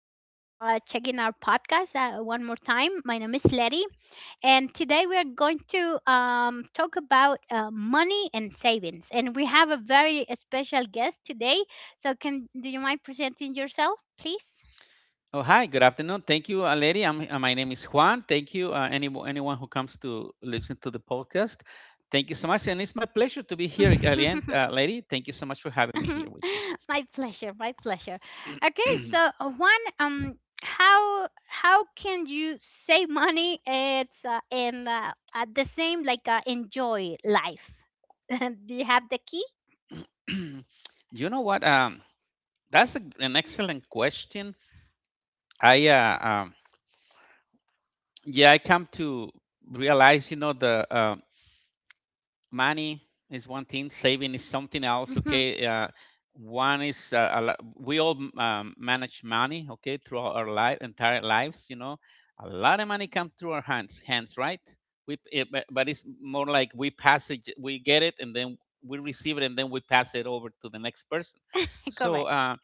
checking our podcast one more time. My name is Letty, and today we are going to talk about money and savings. And we have a very special guest today. So, can do you mind presenting yourself, please? Oh, hi. Good afternoon. Thank you, lady. My name is Juan. Thank you, anyone who comes to listen to the podcast. Thank you so much. And it's my pleasure to be here again, lady. Thank you so much for having me here with My pleasure, my pleasure. Okay, so one how can you save money, it's and at the same, like, enjoy life. Do you have the key? you. You know what? That's an excellent question. I, uh, um, yeah, I come to realize, money is one thing. Saving is something else. Okay, one is a lo- we all manage money, okay, throughout our life entire lives. A lot of money come through our hands, right. But it's more like we pass it, we get it, and then we receive it, and then we pass it over to the next person. So, Correct.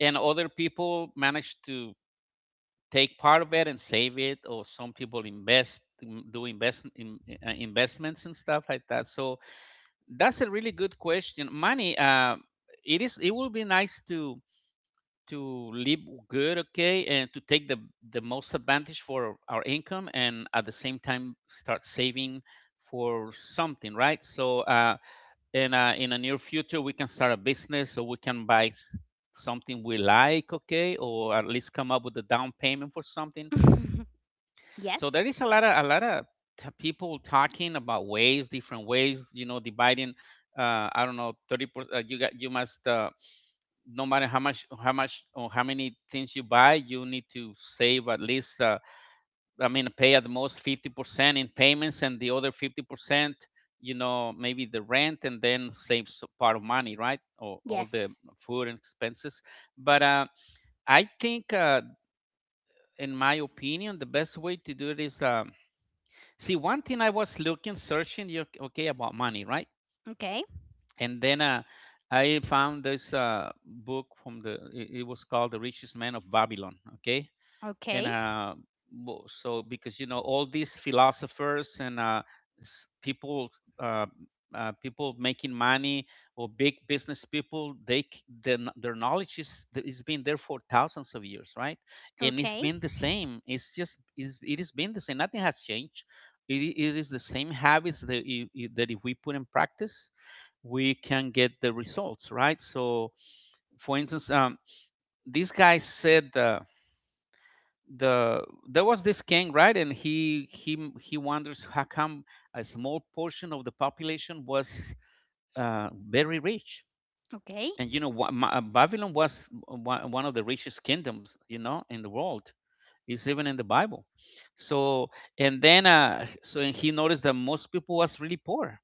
and other people manage to take part of it and save it, or some people do invest in, investments and stuff like that. So that's a really good question. Money, it is. It would be nice to live good, okay, and to take the most advantage for our income, and at the same time start saving for something, right? So, and in a near future, we can start a business, so we can buy something we like. Okay, or at least come up with a down payment for something. So there Yes, is a lot of people talking about ways, different ways. You know, dividing, I don't know, 30%. You must. No matter how much or how many things you buy, you need to save at least, I mean, pay at the most 50% in payments, and the other 50%, maybe the rent, and then save part of money, right, or all the yes. food and expenses. But, I think, in my opinion, the best way to do it is, see, one thing I was looking, searching, you, okay, about money, right? Okay, And then, I found this, book from the. It was called The Richest Man of Babylon. Okay, and okay, so, because all these philosophers and, s- people uh, people making money, or big business people, they c- their, kn- their knowledge is been there for thousands of years, right. And it's okay, been the same. It has been the same. Nothing has changed. It is the same habits that, if we put in practice, we can get the results, right. So, for instance, this guy said, the there was this king, right, and he wonders how come a small portion of the population was, very rich. okay, And, Babylon was one of the richest kingdoms, in the world. It's even in the Bible. So, and then, and he noticed that most people was really poor.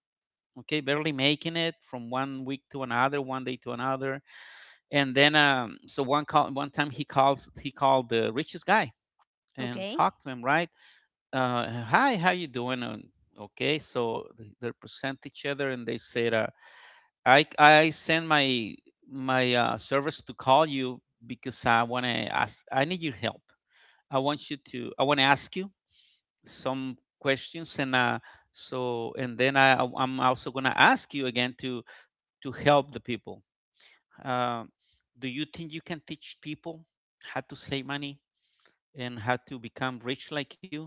Okay, barely making it from one week to another, one day to another. And then, so one time he called the richest guy and okay. talked to him, right. Hi, how you doing? And, okay, so they present each other and they said, I send my service to call you, because I want to ask. I need your help. I want you to. I want to ask you some questions. And, so, and then, I'm also gonna ask you again to help the people. Um, do you think you can teach people how to save money and how to become rich like you?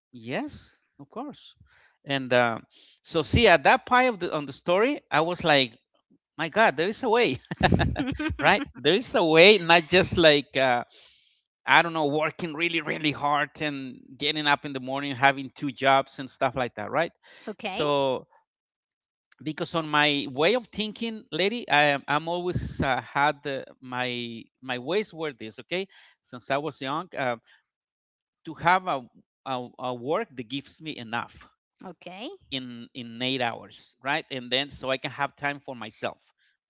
Yes, of course. And, so, see, at that part of the story, I was like, my God, there is a way, right? There is a way. Not just like, I don't know, working really, really hard, and getting up in the morning, having two jobs and stuff like that, right? Okay, So, because, on my way of thinking, lady, I'm always, had my, ways were this, okay? Since I was young, to have a, work that gives me enough okay, in 8 hours, right, and then so I can have time for myself,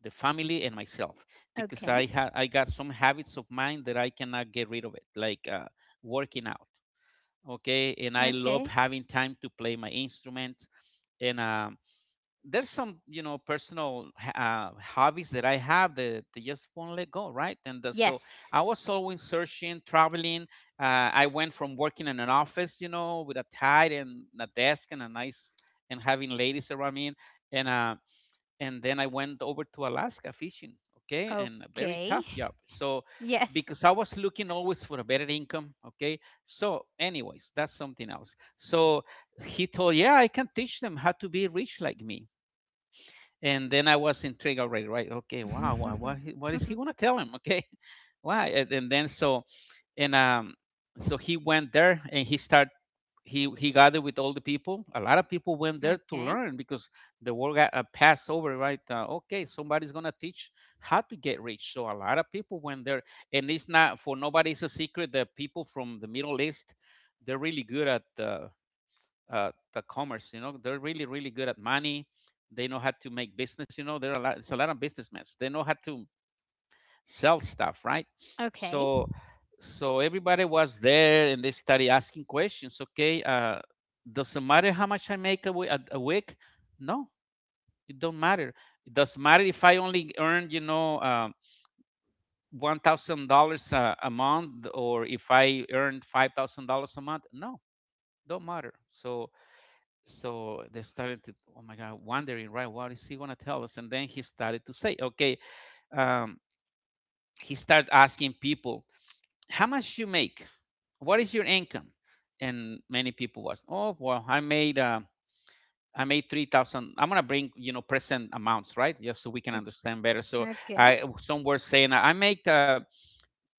the family and myself. Because okay, I got some habits of mine that I cannot get rid of it, like, working out, okay. And I love okay. having time to play my instrument. And, there's some, personal, hobbies that I have that they just won't let go, right. And, so Yes, I was always searching, traveling, I went from working in an office, with a tie and a desk and a nice and having ladies around me. And, and then I went over to Alaska fishing, okay, and a very okay. tough job. So, Yes. because I was looking always for a better income, okay, so, anyways, that's something else. So he told, yeah, I can teach them how to be rich like me. And then I was intrigued already, right? Okay, wow, what is he gonna tell him? Okay, why? And then, so, and, so he went there, and he start he gathered with all the people. A lot of people went there to Okay. learn, because the world got, passed over, right? Okay, somebody's gonna teach how to get rich. So a lot of people went there. And it's not for nobody. It's a secret that people from the Middle East, they're really good at, the commerce. You know, they're really really good at money. They know how to make business. You know, there are a lot, it's a lot of businessmen. They know how to sell stuff, right? Okay. So, everybody was there and they started asking questions. Okay, does it matter how much I make a week? No, it don't matter. It doesn't matter if I only earn, $1,000 a month, or if I earn $5,000 a month. No, don't matter. So, they started to, oh my god, wondering, right, what is he going to tell us? And then he started to say, okay, um, he started asking people, how much you make? What is your income? And many people was, oh, well, I made, 3,000. I'm going to bring, present amounts, right, just so we can o- understand better. So, Okay. I some were saying, I make,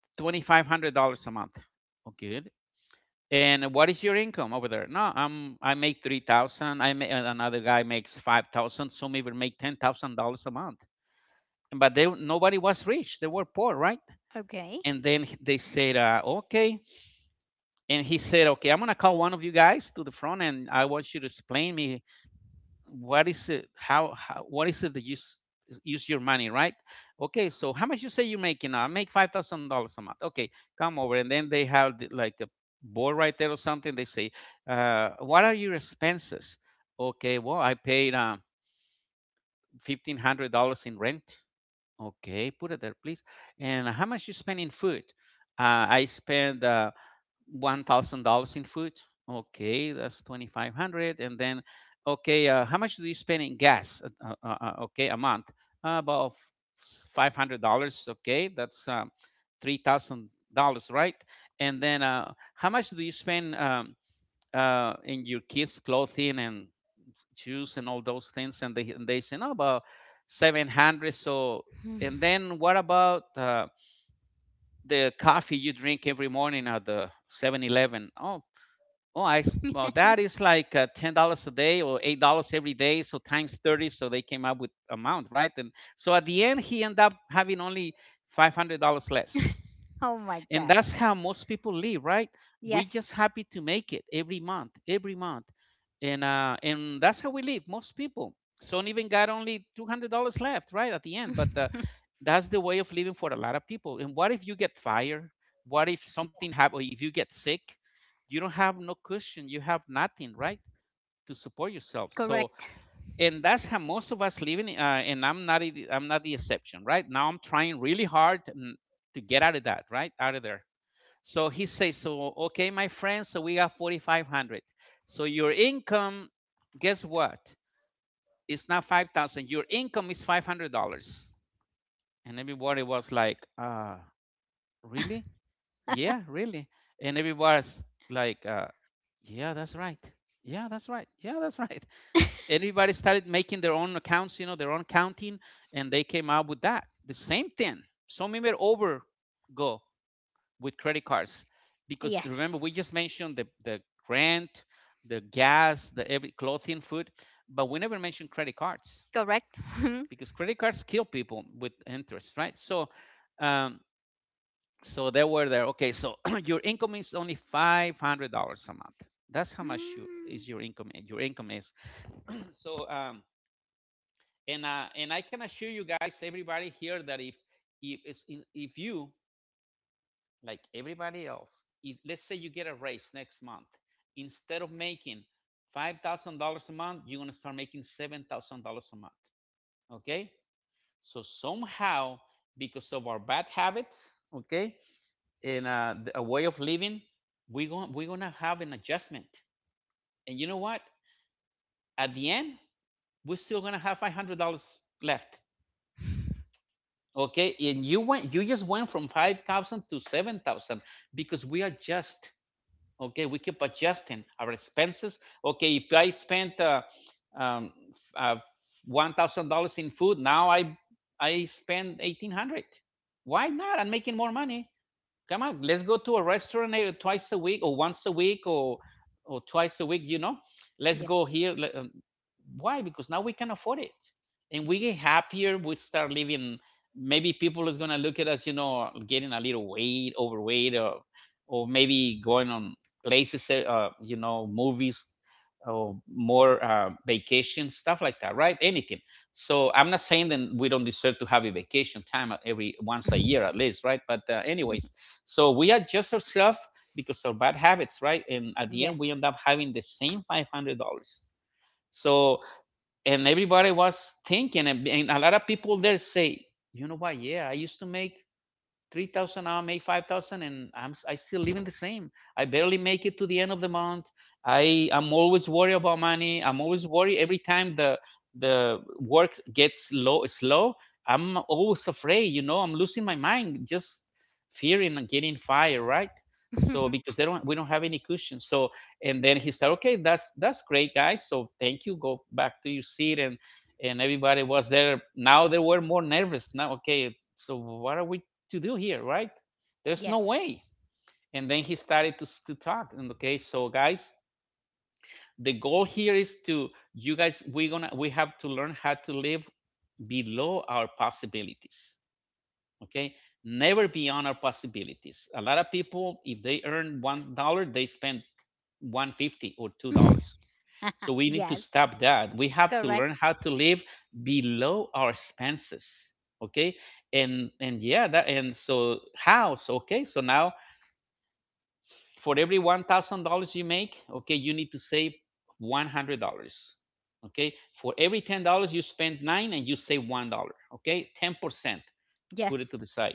$2,500 a month, okay. And what is your income over there? No, I make 3,000. I make another guy makes 5,000. Some even make $10,000 a month. But, they nobody was rich. They were poor, right. Okay. And then they said, okay. And he said, okay, I'm going to call one of you guys to the front, and I want you to explain me what is it, how, what is it that you use your money, right? Okay, so how much you say you're making now? I make $5,000 a month. Okay, come over. And then they have like a board right there or something. They say, what are your expenses? Okay, well, I paid, $1,500 in rent. Okay, put it there, please. And how much you spend in food? I spend, $1,000 in food. Okay, that's 2,500. And then, okay, how much do you spend in gas? Okay, a month, about $500. Okay, that's, $3,000, right? And then, how much do you spend, in your kids' clothing and shoes and all those things? And they say, no, about 700. So, Hmm. and then, what about, the coffee you drink every morning at the 7-Eleven? Oh, well, that I well, thats like, $10 a day, or $8 every day, so times 30, so they came up with amount, right? And so, at the end, he ended up having only $500 less. Oh my And god. that's how most people live, right. We're just Yes. happy to make it every month, and, that's how we live. Most people. So, even got only $200 left, right, at the end. But, that's the way of living for a lot of people. And what if you get fired? What if something happen? If you get sick, you don't have no cushion. You have nothing, right, to support yourself. So, Correct. and that's how most of us living. And I'm not the exception, right? Now I'm trying really hard to get out of that, right, out of there. So he says, so okay, my friend. So we got 4,500. So your income, guess what? It's not 5,000. Your income is $500. And everybody was like, ah, really. Yeah, really. And everybody's like yeah that's right, yeah that's right, yeah that's right. Everybody started making their own accounts, you know, their own counting, and they came out with that the same thing. Some even over go with credit cards because remember we Yes. just mentioned the rent, the gas, the every clothing, food, but we never mentioned credit cards Correct. because credit cards kill people with interest, right? So um, so they were there, okay, so your income is only $500 a month. That's how much you, Hmm. is your income, your income is so and I can assure you guys, everybody here, that if if you, like everybody else, if let's say you get a raise next month, instead of making $5,000 a month, you're going to start making $7,000 a month. Okay, so somehow, because of our bad habits, okay, in a way of living, we're gonna have an adjustment. And you know what? At the end, we're still gonna have $500 left. Okay, and you just went from 5,000 to 7,000 because we adjust. Okay, we keep adjusting our expenses. Okay, if I spent um, uh, $1,000 in food, now I spend 1,800. Why not? I'm making more money. Come on, let's go to a restaurant, eh, twice a week or once a week or twice a week. You know, let's Yeah. go here. um, Why? Because now we can afford it, and we get happier. We start living. Maybe people is gonna look at us, you know, getting a little weight, overweight, or maybe going on places, you know, movies or more vacation stuff like that, right? Anything. So I'm not saying that we don't deserve to have a vacation time every once a year at least, right? But anyways, so we adjust ourselves because of bad habits, right? And at the end, we end Yes. up having the same $500. So and everybody was thinking, and a lot of people there say, you know what? Yeah, I used to make 3,000, now I make 5,000, and I still living the same. I barely make it to the end of the month. I am always worried about money. I'm always worried every time the work gets low, slow. I'm always afraid, you know, I'm losing my mind, just fearing and getting fired, right? So because they don't, we don't have any cushion. So and then he said, okay, that's great, guys. So thank you. Go back to your seat, and everybody was there. Now they were more nervous. Now, okay, so what are we to do here, right? There's no way. Yes. And then he started to talk. And okay, so guys, the goal here is to, you guys, we're gonna, we have to learn how to live below our possibilities. Okay, never beyond our possibilities. A lot of people, if they earn $1, they spend one fifty or two dollars. So we need to Yes. stop that. We have to Correct. learn how to live below our expenses. Okay, and yeah, that and so house. Okay, so now for every $1,000 you make, okay, you need to save $100. Okay, for every $10 you spend nine and you save $1. Okay, 10%, put it to Yes. the side,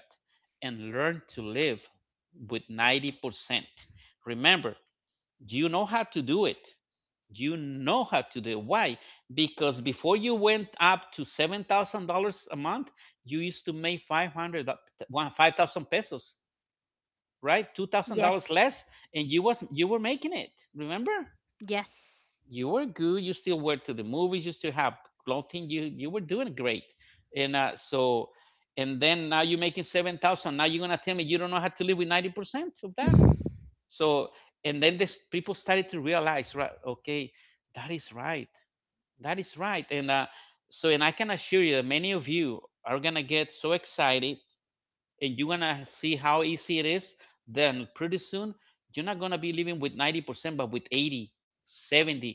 and learn to live with 90%. Remember, you know how to do it. You know how to do it. Why? Because before you went up to $7,000 a month, you used to make five thousand pesos, right? $2,000 Yes. less, and you were making it. Remember, Yes. you were good. You still were to the movies. You still have clothing. You were doing great, and so and then now you're making 7,000. Now you're gonna tell me you don't know how to live with 90% of that. So and then this people started to realize, right? Okay, that is right. That is right. And so and I can assure you that many of you are gonna get so excited and you're gonna see how easy it is, then pretty soon you're not gonna be living with 90% but with 80, 70.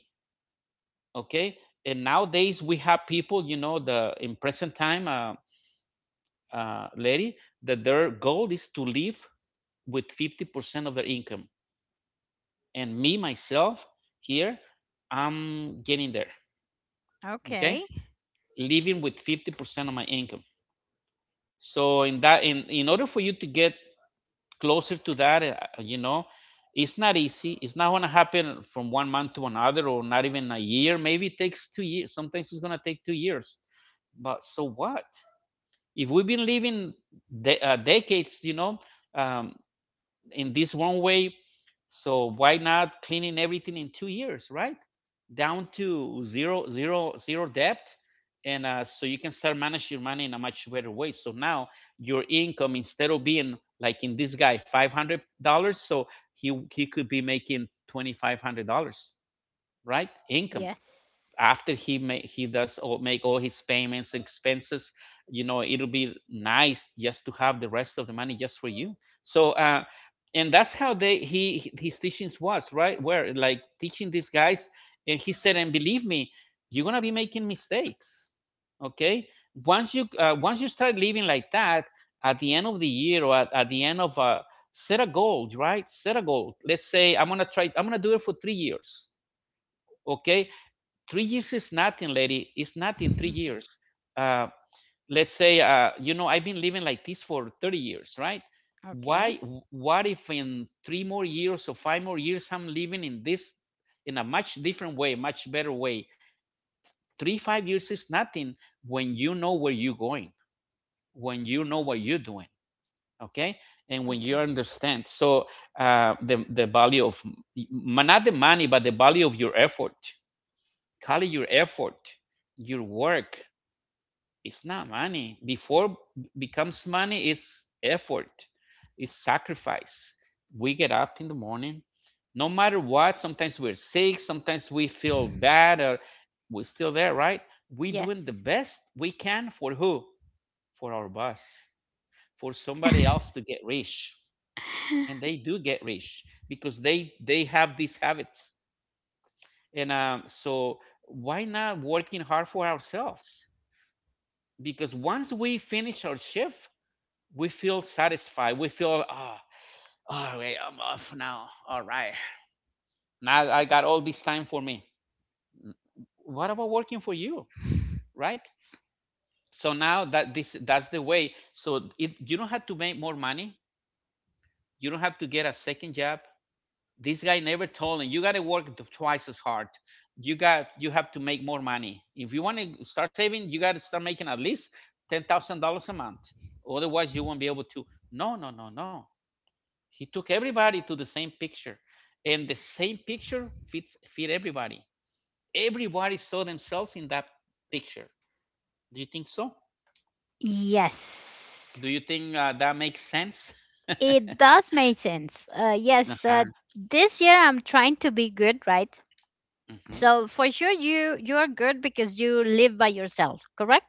Okay, and nowadays we have people, you know, the in present time lady, that their goal is to live with 50% of their income. And me myself here, I'm getting there, Okay. okay, living with 50% of my income. So in that, in order for you to get closer to that, you know, it's not easy. It's not going to happen from 1 month to another, or not even a year. Maybe it takes 2 years. Sometimes it's going to take 2 years. But so what? If we've been living decades, you know, um, in this one way, so why not cleaning everything in 2 years, right? Down to zero, zero, zero debt, and so you can start manage your money in a much better way. So now your income, instead of being like in this guy, $500, so he could be making $2,500, right? Income Yes. after he does all, make all his payments, expenses. You know, it'll be nice just to have the rest of the money just for you. So and that's how they he, his teachings was, right, where like teaching these guys. And he said, and believe me, you're gonna be making mistakes. Okay, once you start living like that, at the end of the year, or at the end of set a goal, right, set a goal. Let's say I'm gonna try, I'm gonna do it for 3 years. Okay, 3 years is nothing, lady. It's nothing. Three years. Uh, let's say, you know, I've been living like this for 30 years, right? Okay. Why? What if in three more years or five more years I'm living in this, in a much different way, much better way? Three, 5 years is nothing when you know where you're going, when you know what you're doing, okay, and when you Okay. understand. So the value of, not the money, but the value of your effort. Call it your effort, your work. It's not money. Before becomes money is effort, is sacrifice. We get up in the morning, no matter what. Sometimes we're sick. Sometimes we feel bad, or we're still there, right? We doing the Yes. best we can for who? For our boss, for somebody else to get rich, and they do get rich because they have these habits. And so why not working hard for ourselves? Because once we finish our shift, we feel satisfied. We feel, oh, all right, I'm off now. All right. Now I got all this time for me. What about working for you? Right? So now that this, that's the way. So it, you don't have to make more money. You don't have to get a second job. This guy never told him you got to work twice as hard. You have to make more money. If you want to start saving, you got to start making at least $10,000 a month. Otherwise, you won't be able to. No, no, no, no. He took everybody to the same picture, and the same picture fit everybody. Everybody saw themselves in that picture. Do you think so? Yes. Do you think that makes sense? It does make sense. Yes, Uh-huh. this year I'm trying to be good, right? Hmm. So for sure you're good because you live by yourself, correct?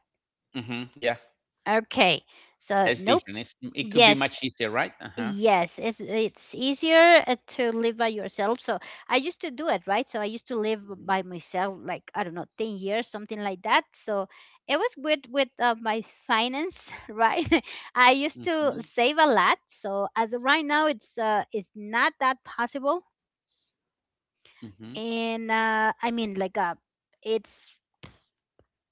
Hmm. Yeah. Okay. So Yeah, it's nope. different. It's, it could be Yes, much easier, right? Uh-huh. yes, it's easier to live by yourself. So I used to do it, right? So I used to live by myself, like, I don't know, 10 years, something like that. So it was good with my finance, right? I used Hmm. to Hmm. save a lot. So as of right now, it's not that possible. Hmm. And I mean, like, it's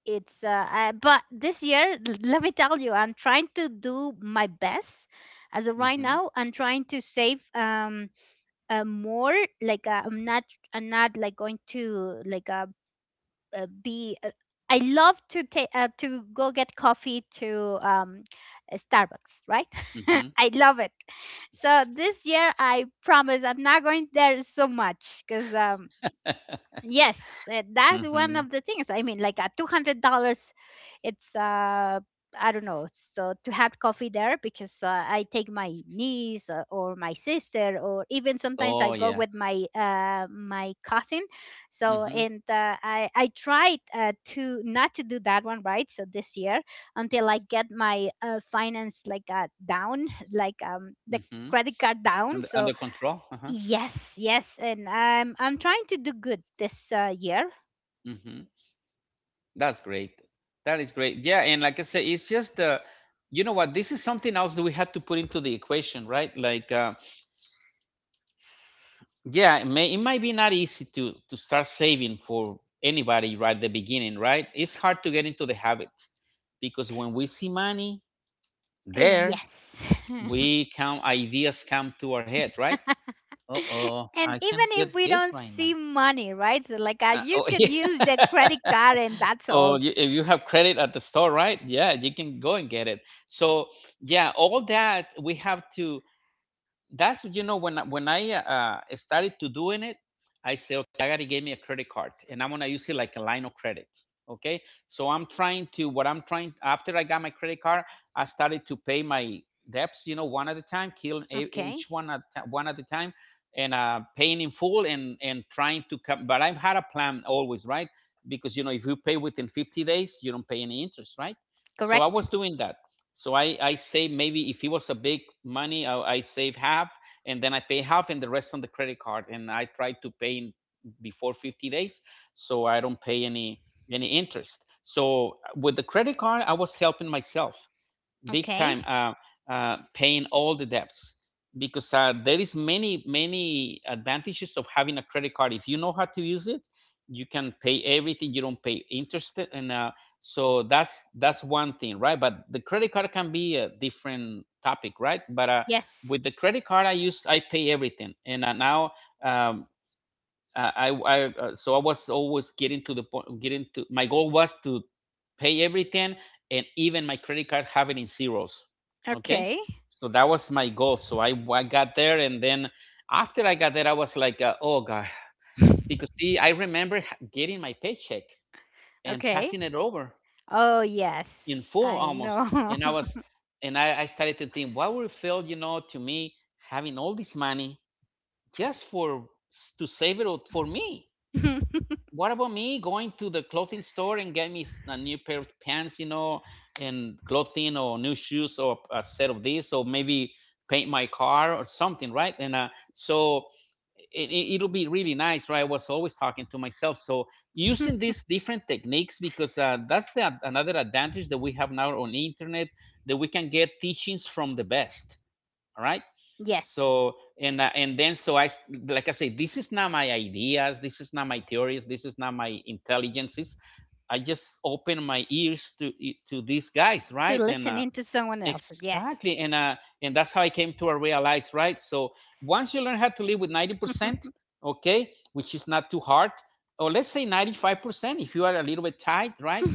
it's but this year, let me tell you, I'm trying to do my best. As of right Hmm. now, I'm trying to save. More like, I'm not like going to, like, be, I love to, take to go get coffee to, Starbucks, right? I love it. So this year I promise I'm not going there so much, because, yes, that's Hmm. one Hmm. of the things. I mean, like at $200, it's I don't know. So, to have coffee there because I take my niece or my sister, or even sometimes I Oh go yeah. with my cousin. Hmm. So Hmm. and I tried to not to do that one, right. So this year, until I get my finance, like, down, like the credit card down, Under, so. under control. Uh-huh. Yes, yes, and I'm trying to do good this year. That's great. That is great. Yeah, and like I say, it's just you know what? This is something else that we had to put into the equation, right? Like, yeah, it might be not easy to start saving for anybody right at the beginning, right? It's hard to get into the habit because when we see money there, Yes. we come ideas come to our head, right? Uh oh, And even I can't get if we this don't right now. see money, right? So, like, you Oh could yeah. use the credit card and that's Or all. you, if you have credit at the store, right, yeah, you can go and get it. So yeah, all that we have to, that's, you know, when I started to doing it, I say okay, I gotta get me a credit card, and I'm gonna use it like a line of credit. Okay, so I'm trying to what I'm trying, after I got my credit card, I started to pay my debts, you know, one at a time, each Okay. One at a time, and paying in full, and trying to come. But I've had a plan always, right? Because you know if you pay within 50 days, you don't pay any interest, right? So I Correct. was doing that. So I save, maybe if it was a big money, I save half and then I pay half and the rest on the credit card. And I try to pay in before 50 days so I don't pay any interest. So with the credit card, I was helping myself big time, Okay. Paying all the debts, because there is many many advantages of having a credit card if you know how to use it. You can pay everything, you don't pay interest. And uh, so that's one thing, right? But the credit card can be a different topic, right? but Yes. with the credit card, I pay everything. And now um, I so I was always getting to the point. Getting to my goal was to pay everything, and even my credit card, have it in zeros. Okay, Okay. so that was my goal. So I got there, and then after I got there, I was like, oh god, because see, I remember getting my paycheck and Okay. passing it over Oh, in yes. full I almost, know. and I was, and I started to think, what would it feel, to me, having all this money just for to save it all for me? What about me going to the clothing store and get me a new pair of pants, and clothing, or new shoes, or a set of these, or maybe paint my car or something, right? And so it'll be really nice, right? I was always talking to myself. So, using these different techniques, because that's the another advantage that we have now on the internet, that we can get teachings from the best, all right? Yes. so and then, so I, like I say, this is not my ideas, this is not my theories, this is not my intelligences. I just open my ears to to these guys, To right? and listen into someone else. Yes. exactly. And that's how I came to realize, right? So, once you learn how to live with 90%, okay, which is not too hard, or let's say 95% if you are a little bit tight, right?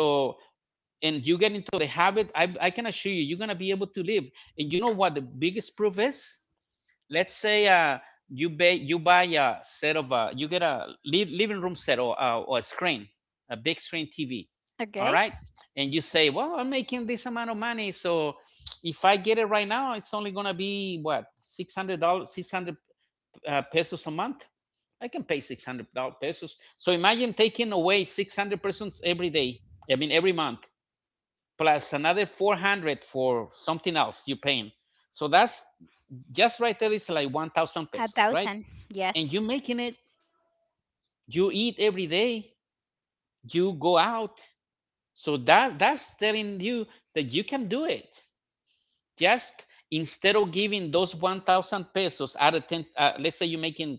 So, and you get into the habit, I can assure you, you're going to be able to live. And you know what the biggest proof is? Let's say you buy, you buy a set of, you get a living room set, or a screen, a big screen TV, all Okay. right? And you say, well, I'm making this amount of money, so if I get it right now, it's only gonna be what, $600, 600 pesos a month. I can pay 600 pesos. So imagine taking away 600 pesos every day. I mean every month, plus another 400 for something else you're paying. So that's just right there is like 1,000 A pesos, right? thousand. And you Yes. making it. You eat every day, you go out. So that's telling you that you can do it. Just instead of giving those 1,000 pesos out of 10, let's say you're making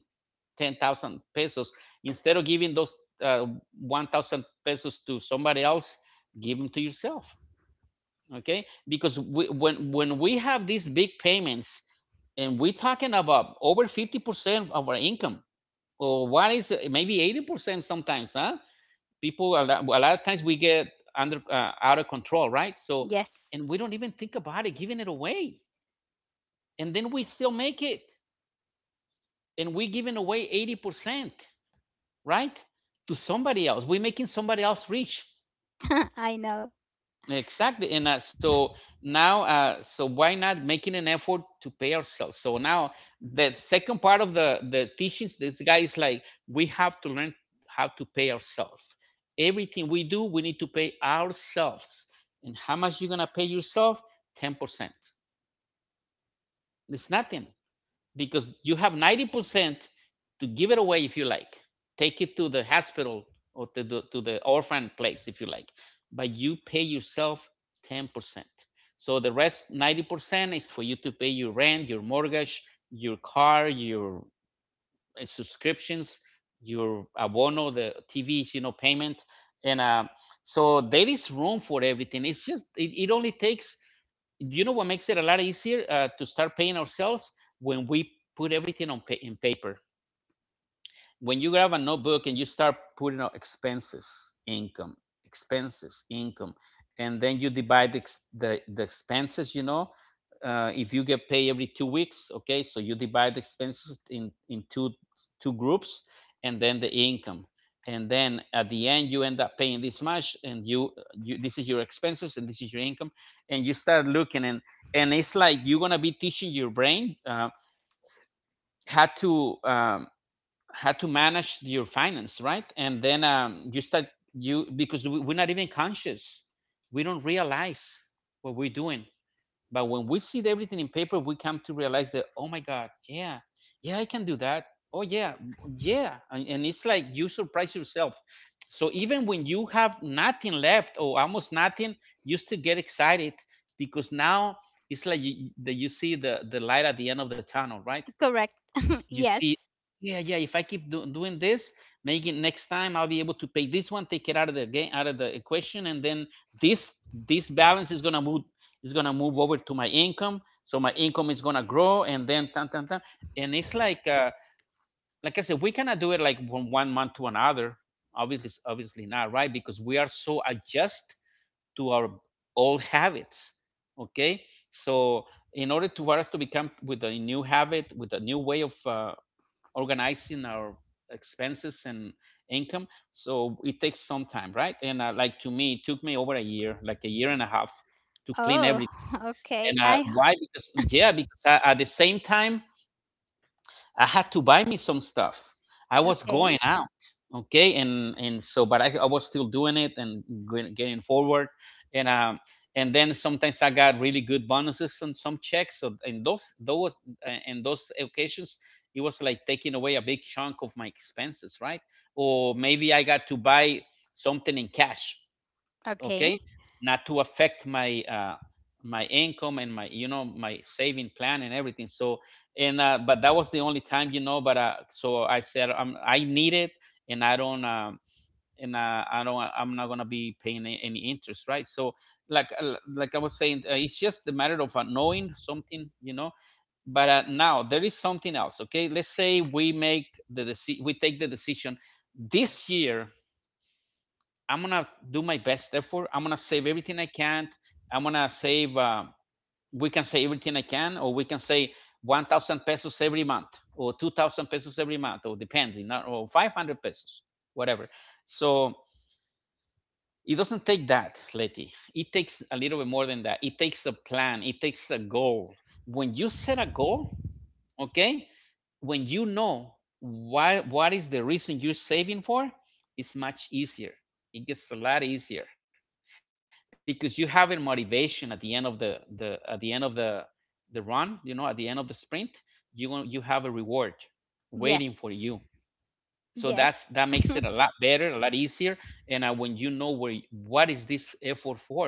10,000 pesos, instead of giving those uh, 1,000 pesos to somebody else, give them to yourself. Okay, because when we have these big payments, and we're talking about over 50% of our income, or what is maybe 80% sometimes, huh? People, a lot of times we get under out of control, right? So, Yes, and we don't even think about it, giving it away, and then we still make it, and we giving away 80%, right, to somebody else. We are making somebody else rich. I know. Exactly. and so now, so why not making an effort to pay ourselves? So now, the second part of the teachings, this guy is like, we have to learn how to pay ourselves. Everything we do, we need to pay ourselves. And how much you are gonna pay yourself? 10%. It's nothing, because you have 90% to give it away if you like, take it to the hospital, or to the orphan place, if you like. But you pay yourself 10%. So the rest, 90%, is for you to pay your rent, your mortgage, your car, your subscriptions, your abono, the tv, you know, payment, and so there is room for everything. It's just, it only takes, you know what makes it a lot easier to start paying ourselves? When we put everything on in paper. When you grab a notebook and you start putting out expenses, income, and then you divide the expenses, you know, if you get paid every 2 weeks, okay, so you divide the expenses in two groups, and then the income. And then at the end, you end up paying this much, and you this is your expenses and this is your income, and you start looking. And it's like you're gonna be teaching your brain, how to um, how to manage your finance, right? And then you start, you, because are not even conscious, we don't realize what we're doing. But when we see everything in paper, we come to realize that, oh my god, yeah, yeah, I can do that. Oh yeah, yeah. And it's like you surprise yourself. So even when you have nothing left, or almost nothing, you still get excited, because now it's like that you see the light at the end of the tunnel, right? Correct. You see, Yes. yeah, yeah, if I keep doing this, maybe next time I'll be able to pay this one, take it out of the game, out of the equation, and then this this balance is going to move, is going to move over to my income. So my income is going to grow, and then tan, tan, tan. And it's like, like I said, we cannot do it like from one month to another. Obviously not, right? Because we are so adjust to our old habits, okay? So in order to, for us to become with a new habit, with a new way of organizing our expenses and income. So it takes some time, right? and like, to me, it took me over a year, like a year and a half, to clean Oh, everything. okay. And I why? Because, yeah, because at the same time, I had to buy me some stuff. I was going Okay. out, okay, and so, but I was still doing it, and getting forward. And um, and then sometimes I got really good bonuses and some checks. So in those in those occasions, it was like taking away a big chunk of my expenses, right? Or maybe I got to buy something in cash, Okay. okay, not to affect my, my income and my, you know, my saving plan and everything. So and But that was the only time, you know, but so I said, I need it, and I don't I'm not going to be paying any interest, right? So, like I was saying, it's just the matter of, knowing something, you know? But now there is something else. Okay, let's say we make the we take the decision, this year, I'm gonna do my best effort. I'm gonna save everything I can. I'm gonna save. We can say everything I can, or we can say 1,000 pesos every month, or 2,000 pesos every month, or depends, or 500 pesos, whatever. So it doesn't take that, Leti. It takes a little bit more than that. It takes a plan. It takes a goal. When you set a goal, okay, when you know why, what is the reason you're saving for, it's much easier. It gets a lot easier because you have a motivation at the end of the run, at the end of the sprint. You have a reward waiting for you. Yes. So Yes. that makes it a lot better, a lot easier. And when you know what is this effort for,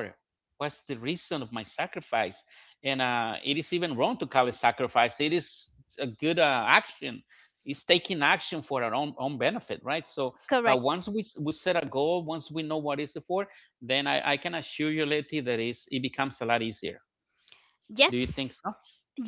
what's the reason of my sacrifice? And it is even wrong to call it sacrifice. It is a good action. It's taking action for our own benefit, right? So but once Correct. we, s- we set a goal, once we know what is it for, then I can assure you, Letty, that is it becomes a lot easier. Do you think Yes. so?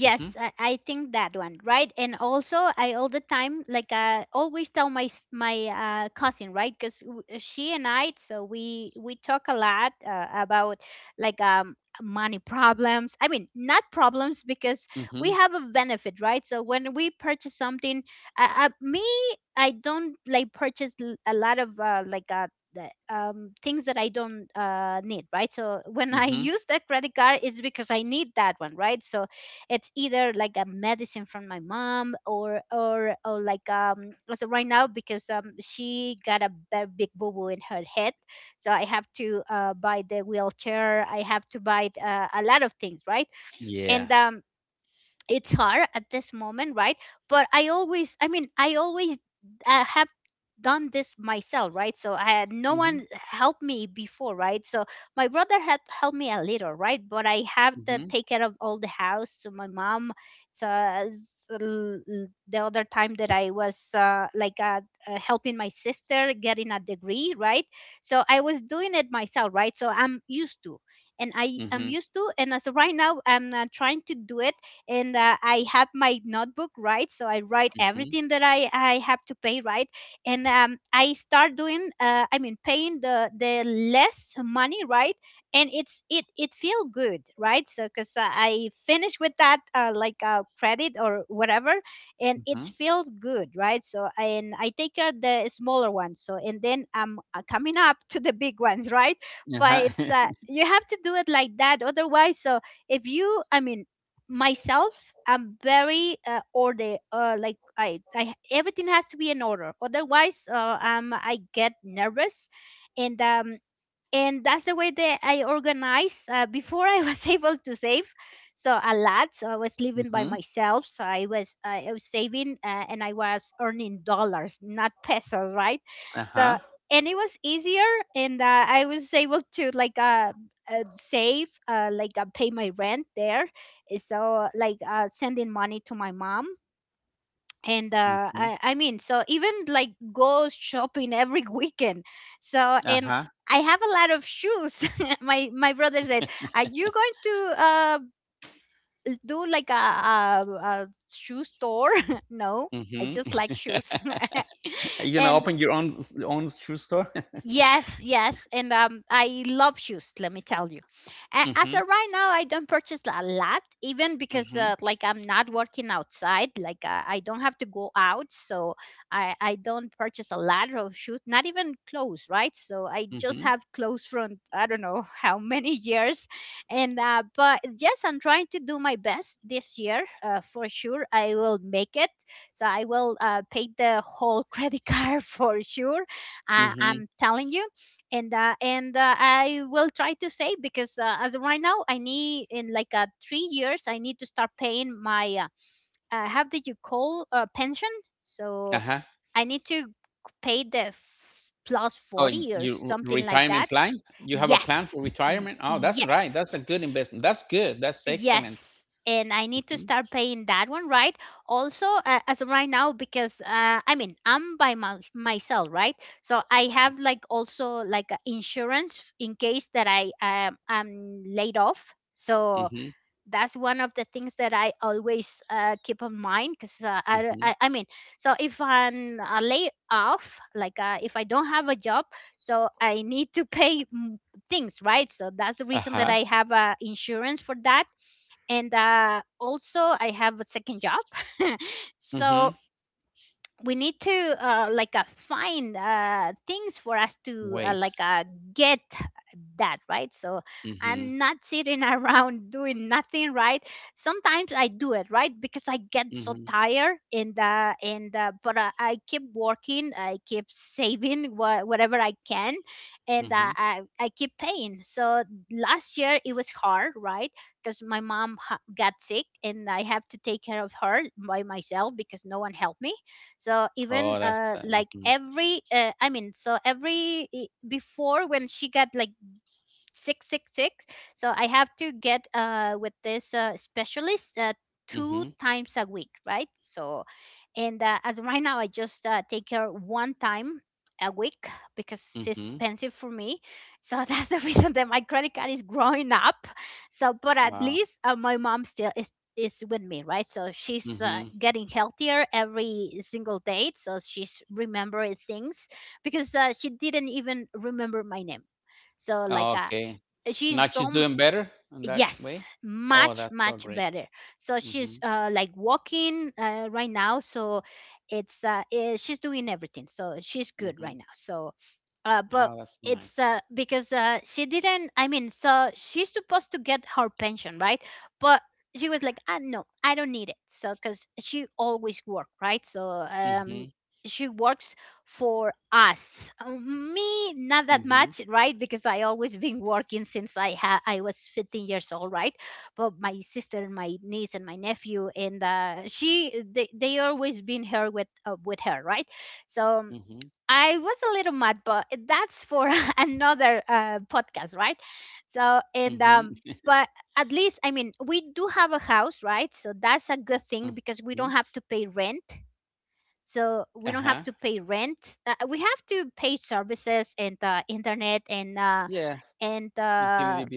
Mm-hmm. I think that one, right? And also, I all the time, like, always tell my cousin, right? Because she and I, so we talk a lot about, like, money problems. I mean, not problems, because Mm-hmm. we have a benefit, right? So when we purchase something, me, I don't like purchase a lot of, like things that I don't need, right? So when I Mm-hmm. use that credit card, it's because I need that one, right? So it's either like a medicine from my mom, or like, so right now because she got a big boo boo in her head, so I have to buy the wheelchair, I have to buy a lot of things, right. Yeah. And it's hard at this moment, right. But I always, I mean, I always have done this myself, right, so I had no Mm-hmm. one helped me before, right, so my brother had helped me a little, right, but I have to Mm-hmm. take care of all the house, so my mom. So, the other time that I was like, helping my sister getting a degree, right, so I was doing it myself, right, so I'm used to, and I am Mm-hmm. used to, and as of right now, I'm trying to do it. And I have my notebook, right? So I write Mm-hmm. everything that I have to pay, right? And I start doing, I mean, paying the less money, right? And it feel good, right? So because I finish with that, like a credit or whatever, and it Mm-hmm. feels good, right? So and I take out the smaller ones, so and then I'm coming up to the big ones, right? But Ajá. it's, you have to do it like that, otherwise, so, if you, I mean, myself, I'm very order, like, I everything has to be in order, otherwise, I get nervous. And um and that's the way that I organized. Before I was able to save, so, a lot. So I was living by Mhm. myself. So I was saving, and I was earning dollars, not pesos, right? So Ajá. and it was easier, and I was able to, like, save, like, pay my rent there. So, like, sending money to my mom, and Mhm. I mean, so even like go shopping every weekend, so, and Ajá. I have a lot of shoes. My brother said, "Are you going to do like a shoe store?" No, I Mhm. just like shoes. Are you gonna And. open your own shoe store? Yes, yes, and I love shoes. Let me tell you. As Mhm. of right now, I don't purchase a lot, even because Mhm. Like I'm not working outside. Like, I don't have to go out, so I don't purchase a lot of shoes. Not even clothes, right? So I just Mhm. have clothes from, I don't know, how many years, and but yes, I'm trying to do my best this year. For sure, I will make it. So I will pay the whole credit card, for sure, I, Mhm. I'm telling you, and I will try to save, because as of right now, I need in, like, 3 years, I need to start paying my how did you call, pension? So Ajá. I need to pay the plus Oh, 40 or your something like that. retirement plan? You have a plan for Yes, retirement? Oh, that's right. That's yes. a good investment. That's good. That's excellent. Yes, and I need to Mhm. start paying that one, right? Also, as of right now, because, I mean, I'm by myself, right? So I have, like, also like a insurance in case that I am laid off. So Mhm. that's one of the things that I always keep in mind because, I, Mhm. I I mean, so if I'm laid off, like, if I don't have a job, so I need to pay things, right? So that's the reason that Ajá. I have insurance for that. And also I have a second job. Mhm. So we need to, like, find things for us to, like, Ways. Get that, right, so Mhm. I'm not sitting around doing nothing, right. Sometimes I do it, right, because I get so Mhm. tired, and, but I keep working, I keep saving, whatever I can. And Mhm. I keep paying, so last year it was hard, right, because my mom got sick, and I have to take care of her by myself because no one helped me. So even, Oh, that's like mhm. every, I mean, so every, before when she got like 666, so I have to get, with this, specialist, two Mhm. times a week, right, so. And as of right now, I just take her one time a week, because it's Mhm. expensive for me, so that's the reason that my credit card is growing up, so but at Wow. least, my mom still is with me, right. So she's Mhm. getting healthier every single day, so she's remembering things, because she didn't even remember my name, so, like, Oh, okay. Now she's she's so. doing better in that Yes, way? Oh, much, that's so much great. better. So Mm-hmm. she's like walking, right now, so it's, she's doing everything, so she's good right Mm-hmm. now, so but Oh, that's so it's, nice. Because she didn't, I mean, so she's supposed to get her pension, right. But she was like, "Ah, no, I don't need it," so because she always worked, right, so Mm-hmm. she works for us. Me, not that Mm-hmm. much, right, because I always been working since I was 15 years old, right. But my sister and my niece and my nephew, and she, they always been here with, with her, right, so Mm-hmm. I was a little mad, but that's for another podcast, right? So, and Mm-hmm. But at least, I mean, we do have a house, right? So that's a good Mm-hmm. thing because we don't have to pay rent. So Uh-huh. we don't have to pay rent. We have to pay services and internet and Yeah. uh, and Utility uh, bills.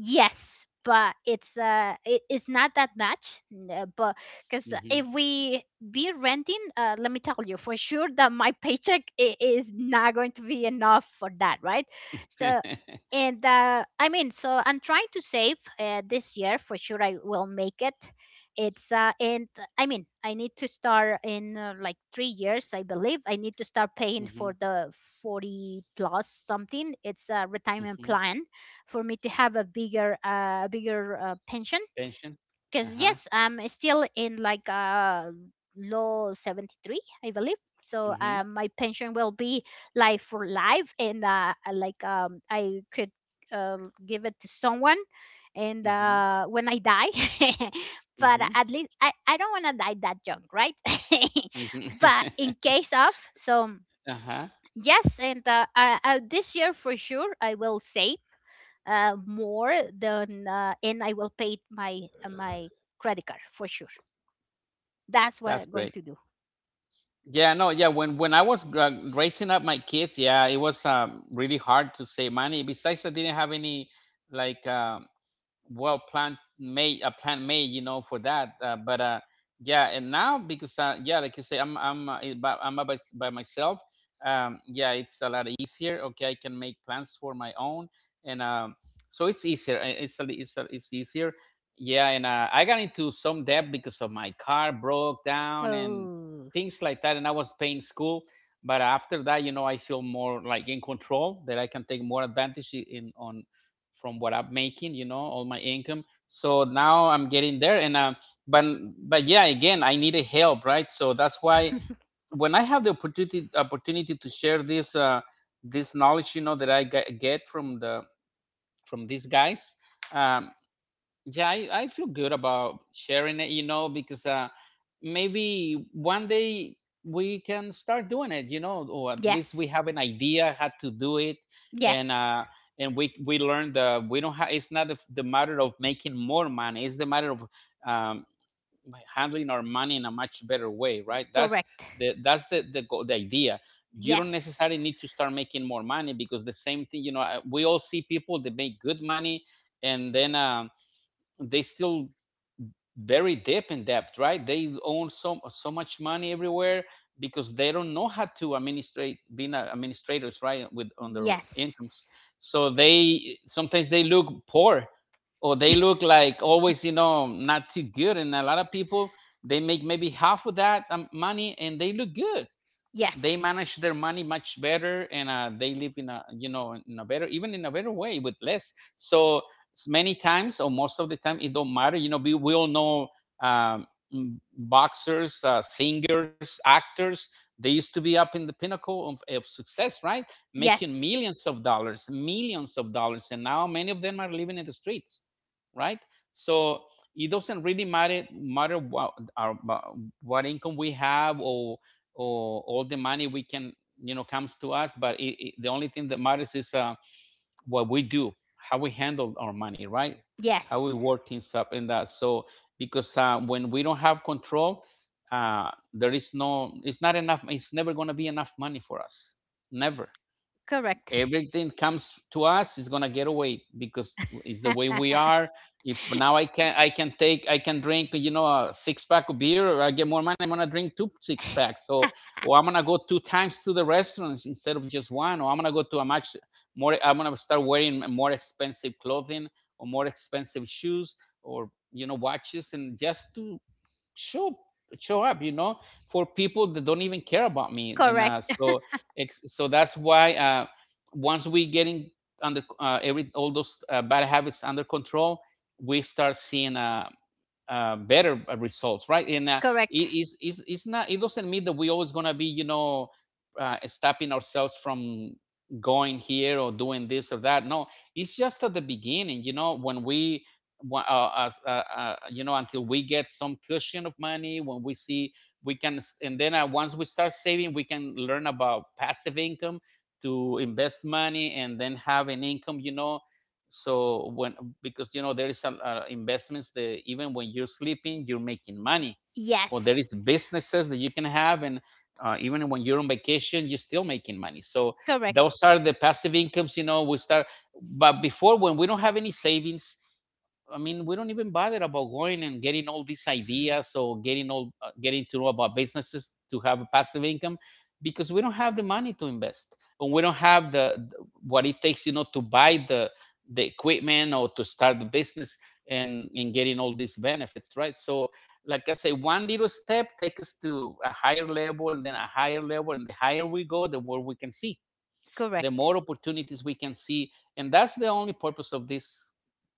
yes, but it is not that much, but because Mm-hmm. if we be renting, let me tell you for sure that my paycheck is not going to be enough for that, right? So, and I mean, so I'm trying to save this year. For sure I will make it. It's and I mean, I need to start in like 3 years, I believe. I need to start paying Mm-hmm. for the 40 plus something. It's a retirement Mm-hmm. plan for me to have a bigger pension Pension. because Uh-huh. yes, I'm still in like low 73, I believe. So Mm-hmm. My pension will be life for life, and I like, I could uh, give it to someone and Mm-hmm. When I die. But Mm-hmm. at least I don't want to die that young, right? Mm-hmm. But in case of. So Uh-huh. yes, and this year for sure I will save more than and I will pay my my credit card for sure. That's what That's I'm going great. to do. Yeah, no, yeah. When I was raising up my kids, yeah, it was really hard to save money. Besides, I didn't have any, like, well planned, made a plan made, for that, but yeah, and now, because yeah, like you say, I'm by myself. Yeah, it's a lot easier. Okay, I can make plans for my own, and so it's easier, it's a, li- it's, a, it's easier. Yeah, and I got into some debt because of my car broke down and Oh, things like that, and I was paying school. But after that, you know, I feel more like in control, that I can take more advantage, in on from what I'm making, you know, all my income. So now I'm getting there, and but yeah, again, I needed help, right? So that's why when I have the opportunity to share this this knowledge, you know, that I get from the from these guys, um, yeah, I feel good about sharing it, you know, because maybe one day we can start doing it, you know, or at least we yes, have an idea how to do it, and uh, yes, and we learn that we don't have. It's not the matter of making more money; it's the matter of um, handling our money in a much better way, right? That's correct. The idea. You don't necessarily Yes, need to start making more money, because the same thing, you know, we all see people that make good money, and then. They still very deep in debt, right? They own so much money everywhere, because they don't know how to administrate, being administrators, right, with on their incomes. yes, So they sometimes they look poor, or they look, like, always, you know, not too good. And a lot of people, they make maybe half of that money, and they look good. They manage their yes, money much better, and they live in a, you know, in a better, even in a better way, with less. So many times, or most of the time, it don't matter, you know, we all know, um, mm, boxers, singers, actors. They used to be up in the pinnacle of success, right, making yes, millions of dollars, millions of dollars, and now many of them are living in the streets, right, so it doesn't really matter what our, what income we have, or all the money we can, you know, comes to us, but the only thing that matters is what we do, how we handle our money, right, how we yes, work things up in that. So because when we don't have control, uh, there is no, it's not enough, it's never going to be enough money for us, never. correct. Everything comes to us is gonna get away, because it's the way we are. If now I can drink, you know, a six pack of beer, or I get more money, I'm gonna drink two six packs, so or I'm gonna go two times to the restaurants instead of just one, or I'm gonna go to a much more I'm gonna start wearing more expensive clothing, or more expensive shoes, or, you know, watches, and just to show show up, you know, for people that don't even care about me. And Correct, so so that's why, once we getting under, every, all those bad habits under control, we start seeing, better results, right? And it correct. It's not, it doesn't mean that we always gonna be, you know, stopping ourselves from going here or doing this or that. No, it's just at the beginning, you know, when we you know, until we get some cushion of money, when we see we can. And then, once we start saving, we can learn about passive income, to invest money and then have an income, you know. So when, because you know, there is some investments that even when you're sleeping you're making money, or there is Yes, businesses that you can have, and even when you're on vacation you're still making money. So correct, those are the passive incomes, you know, we start. But before, when we don't have any savings, I mean, we don't even bother about going and getting all these ideas, or getting to know about businesses to have a passive income, because we don't have the money to invest, and we don't have the what it takes, you know, to buy the equipment or to start the business, and getting all these benefits, right? So, like I say, one little step takes us to a higher level, and then a higher level, and the higher we go, the more we can see, the correct. more opportunities we can see, and that's the only purpose of this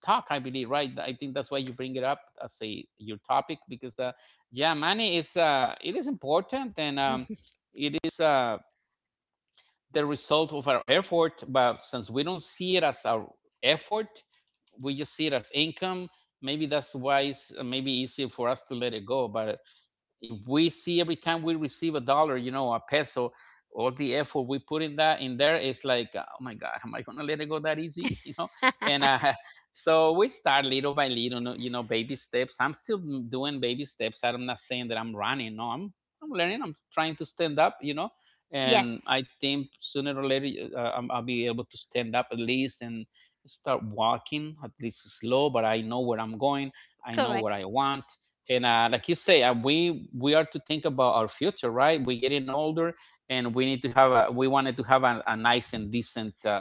talk, I believe, right? I think that's why you bring it up as a your topic, because yeah, money is, it is important, and it is, the result of our effort. But since we don't see it as our effort, we just see it as income, maybe that's why it's maybe easier for us to let it go. But if we see every time we receive a dollar, you know, a peso, all the effort we put in that, in there, is like, oh my God, am I gonna let it go that easy? You know, and so we start little by little, you know, baby steps. I'm still doing baby steps. I'm not saying that I'm running. No, I'm learning. I'm trying to stand up. You know, and I Yes, think sooner or later, I'll be able to stand up at least, and start walking at least slow. But I know where I'm going. I know what correct. I want. And like you say, we are to think about our future, right, we're getting older, and we need to have a, we wanted to have a nice and decent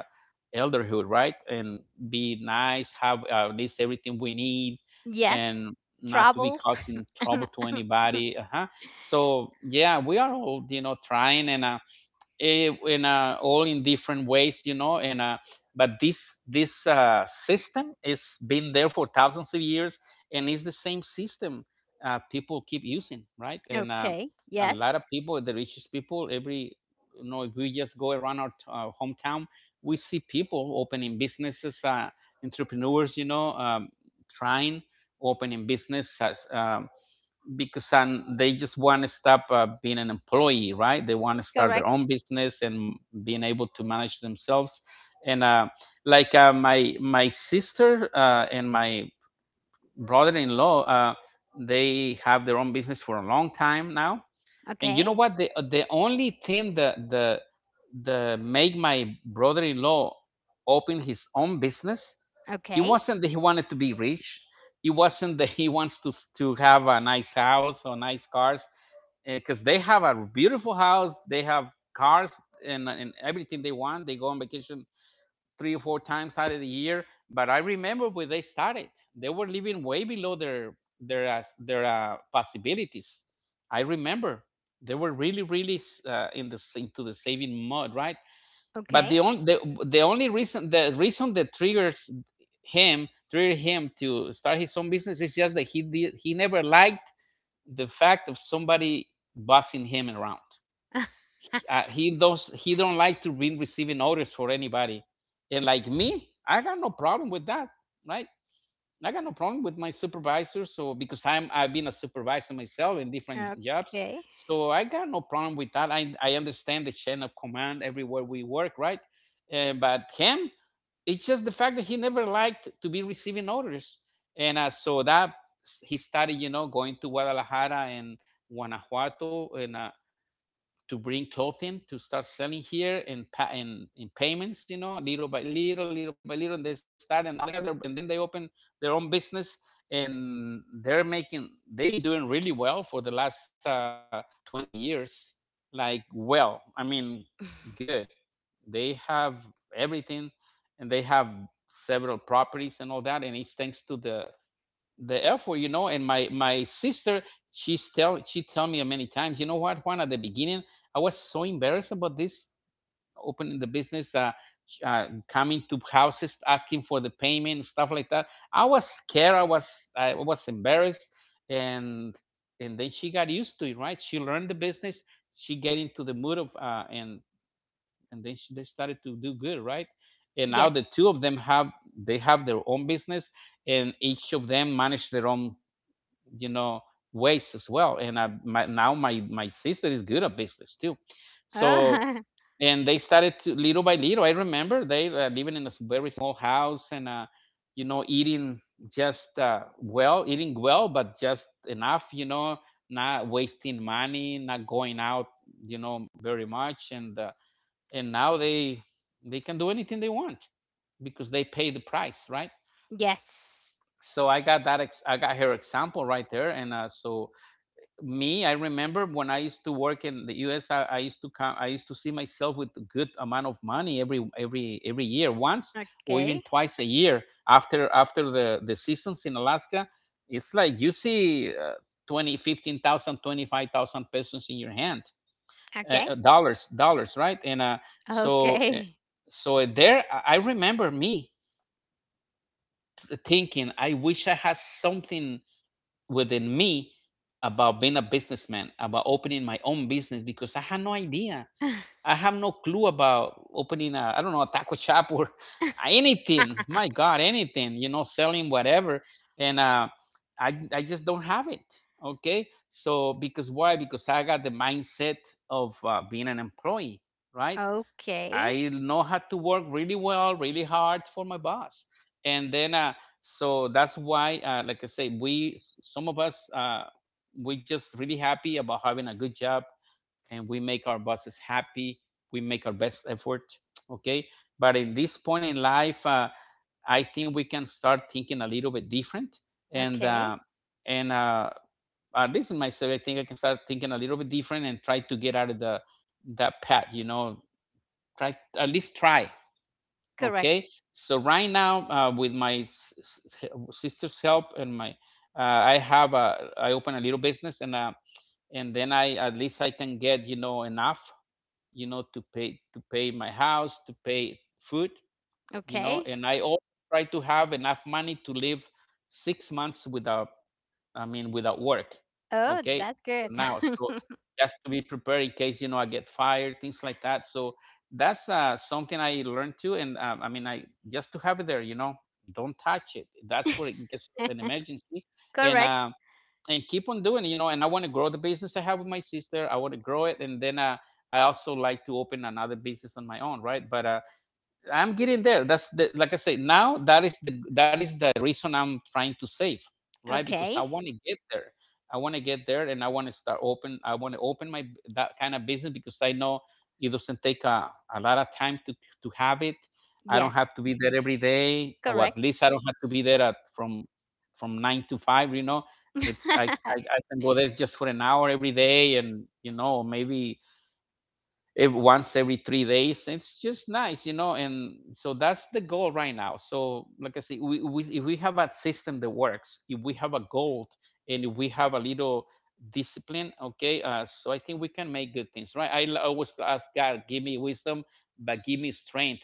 elderhood, right, and be nice, have at least everything we need, Yes, and not to be travel. causing trouble to anybody. Uh-huh. So yeah, we are all, you know, trying, and eh, in all in different ways, you know. And but this system has been there for thousands of years, and it's the same system, people keep using, right? And Okay, a lot of yes, people, the richest people, every, you know, if we just go around our hometown, we see people opening businesses, entrepreneurs, you know, trying, opening business as, because, and they just want to stop, being an employee, right, they want to start their correct. own business and being able to manage themselves, and like, my sister, and my brother-in-law, they have their own business for a long time now. And you Okay, know what, the only thing that the make my brother-in-law open his own business, it okay, wasn't that he wanted to be rich, it wasn't that he wants to have a nice house or nice cars. Because they have a beautiful house, they have cars, and everything they want, they go on vacation three or four times out of the year. But I remember when they started, they were living way below their their possibilities. I remember they were really in the into the saving mode, right? But okay. The only reason the reason that triggers him triggered him to start his own business is just that he never liked the fact of somebody bossing him around. uh, he does he don't like to be receiving orders for anybody. And like me, I got no problem with that, right? I got no problem with my supervisor, so because I've been a supervisor myself in different jobs. Okay. So I got no problem with that. I understand the chain of command everywhere we work, right? But him, it's just the fact that he never liked to be receiving orders. And so that he started, you know, going to Guadalajara and Guanajuato, and to bring clothing to start selling here in payments, you know, little by little, little by little, and they start, and now they have their, and then they open their own business. And they're making, they've been doing really well for the last 20 years. Like, well, I mean, good, they have everything. And they have several properties and all that, and it's thanks to the effort, you know. And my sister, she tell me many times, you know what, Juan, at the beginning, I was so embarrassed about this opening the business, uh, coming to houses asking for the payment, stuff like that. I was scared, I was embarrassed, and and then she got used to it, right? She learned the business, she get into the mood of they started to do good, right? And now the two Yes. of them have, they have their own business, and each of them manage their own, you know, ways as well. And now my sister is good at business too, so. Oh, And they started to, little by little, I remember they living in a very small house, and you know, eating, just well, eating well but just enough, you know, not wasting money, not going out, you know, very much, and now they can do anything they want because they pay the price, right? yes. So I got her example right there, and so me, I remember when I used to work in the US, I used to come, I used to see myself with a good amount of money every year, once or even Okay. twice a year, after the seasons in Alaska. It's like you see 20 15,000, 25,000 pesos in your hand, Okay. Dollars, right, and so Okay. so there, I remember me thinking, I wish I had something within me about being a businessman, about opening my own business, because I had no idea. I have no clue about opening a I don't know, a taco shop or anything. My God, anything, you know, selling whatever. And uh, I I just don't have it. Okay, so because why? Because I got the mindset of being an employee, right? Okay. I know how to work really well, really hard for my boss. And then, so that's why, like I say, we, some of us, we just really happy about having a good job, and we make our bosses happy. We make our best effort. Okay. But in this point in life, I think we can start thinking a little bit different. And, uh, Okay. and at least in myself, I think I can start thinking a little bit different and try to get out of that path, you know. Try, at least try. Correct. Okay, so right now, with my sister's help and my, I open a little business, and then I at least I can get, you know, enough, you know, to pay my house, to pay food, you know, Okay. and I always try to have enough money to live 6 months without, I mean, without work. Oh, Okay, that's good. for now. So just to be prepared in case, you know, I get fired, things like that. So that's something I learned too, and I mean, I, just to have it there. You know, don't touch it. That's for in case of an emergency, and Correct. uh, and keep on doing it. You know, and I want to grow the business I have with my sister. I want to grow it, and then, I also like to open another business on my own, right? But I'm getting there. That's the, like I say. Now that is the reason I'm trying to save, right? Because I Okay. want to get there. I want to get there, and I want to start open. I want to open my, that kind of business, because I know it doesn't take a lot of time to have it. I don't have to Yes. be there every day, or at Correct. least I don't have to be there at from 9 to 5. You know, it's I can go there just for an hour every day, and you know, maybe once every 3 days. It's just nice, you know. And so that's the goal right now. So, like I say, we if we have a system that works, if we have a goal, and if we have a little discipline, okay. So I think we can make good things, right? Always ask God, give me wisdom, but give me strength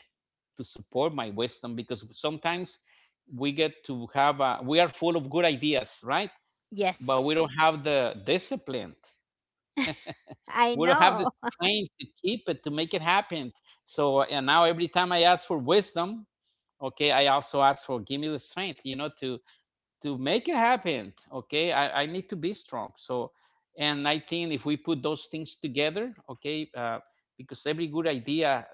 to support my wisdom, because sometimes we get to have we are full of good ideas, right? But we don't Yes. have the discipline, I we don't have the know. strength to keep it, to make it happen. So, and now every time I ask for wisdom, okay, I also ask for, give me the strength, you know, to make it happen, okay. I need to be strong, so. And I think if we put those things together, okay, because every good idea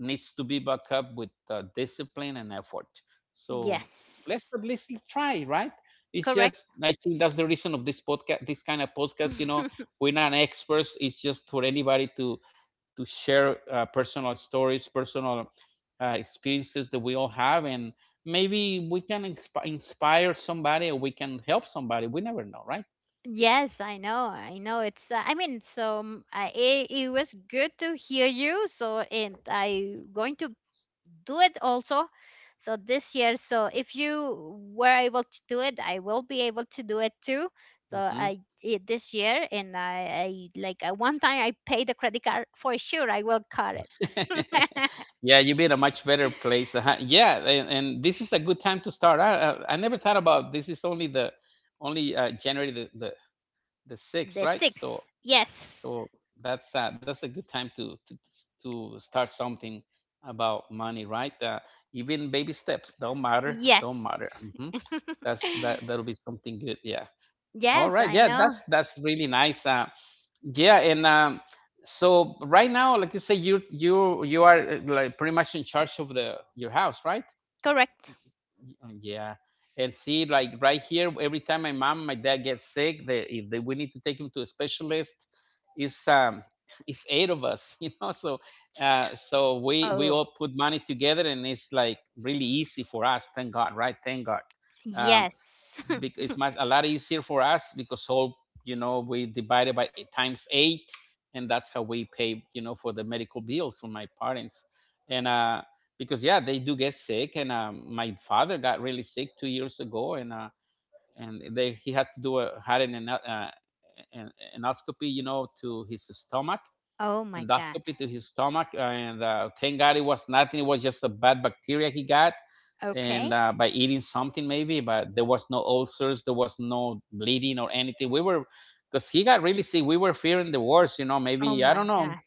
needs to be backed up with discipline and effort, so. Let's Yes. at least try, right? It's Correct. just, I think that's the reason of this podcast, this kind of podcast, you know, we're not experts, it's just for anybody to share personal stories, personal experiences that we all have, and maybe we can inspire somebody, or we can help somebody. We never know, right? Yes, I know. I know. It's. I mean, so it, it was good to hear you. So, and I going to do it also. So this year. So if you were able to do it, I will be able to do it too. Hmm. This year, and I like, one time I paid the credit card for sure, I will cut it. Yeah, you be in a much better place. Uh-huh. Yeah, and this is a good time to start. I never thought about this. Is only the only January the sixth, The right? So six. Yes. So that's a good time to start something about money, right? Even baby steps, don't matter, don't matter. Yes. Hmm. That'll be something good. Yeah. All Yes, right. I Yeah. That's know. that's really nice. Yeah. And so right now, like you say, you are like pretty much in charge of the your house, right? Correct. Uh, Yeah. And see, like right here, every time my mom, my dad gets sick, they, if they, we need to take him to a specialist. It's it's eight of us, you know. So, so we all Oh, put money together, and it's like really easy for us. Thank God, right? Thank God. Um, yes. it's much, a lot easier for us, because all, you know, we divide it by times eight, and that's how we pay, you know, for the medical bills for my parents, and because, yeah, they do get sick. And my father got really sick 2 years ago. And and they he had to do a had uh, an endoscopy, you know, to his stomach. Oh my God. Endoscopy to his stomach. And thank God it was nothing. It was just a bad bacteria he got, and Okay. By eating something maybe. But there was no ulcers, there was no bleeding or anything. We were, because he got really sick. We were fearing the worst, you know. Oh Maybe I don't my know, God.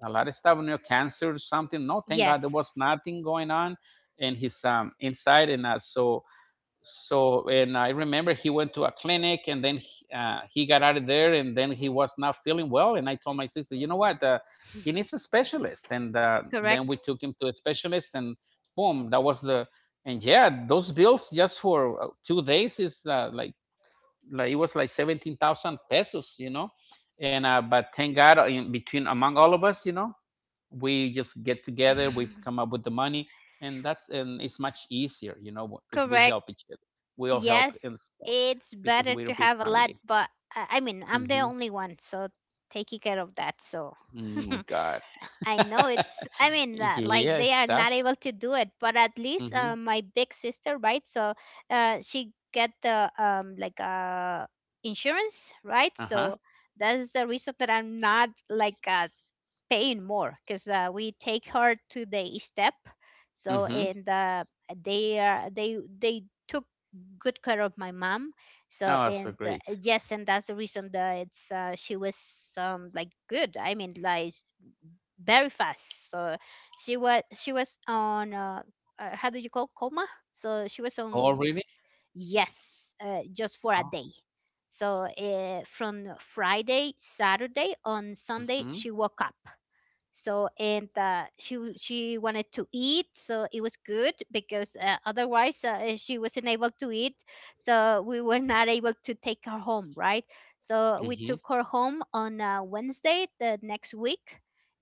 a lot of stuff, you know, cancer or something. No, thank God there was Yes. nothing going on in his inside, and and I remember he went to a clinic, and then he got out of there, and then he was not feeling well, and I told my sister, you know what, he needs a specialist, and then we Correct. took him to a specialist, and boom, that was the. And yeah, those bills just for 2 days is it was like 17,000 pesos, you know. And But thank God, in between among all of us, you know, we just get together, we come up with the money, and it's much easier, you know, because we Correct. help each other. We all help Yes. in school, It's because better to we're a big have a lot, family. but I mean, I'm the Hmm. only one, so taking care of that. So Oh I my God. I know it's, I mean, like, Yeah, they it's are not tough. able to do it, but at least Hmm. My big sister, right? So she get the insurance, right? Uh-huh. So that is the reason that I'm not like paying more, because we take her to the step. So Hmm. and they are they took good care of my mom. So Oh, that's so and great. yes, and that's the reason that it's she was like good. I mean, like very fast. So she was on, how do you call, coma? So she was Oh on, really? yes, just for a Oh. day. So from Friday, Saturday, on Sunday, Mm-hmm. she woke up. So and she she wanted to eat, so it was good, because otherwise she wasn't able to eat, so we were not able to take her home, right? So we took Mm-hmm. her home on Wednesday the next week.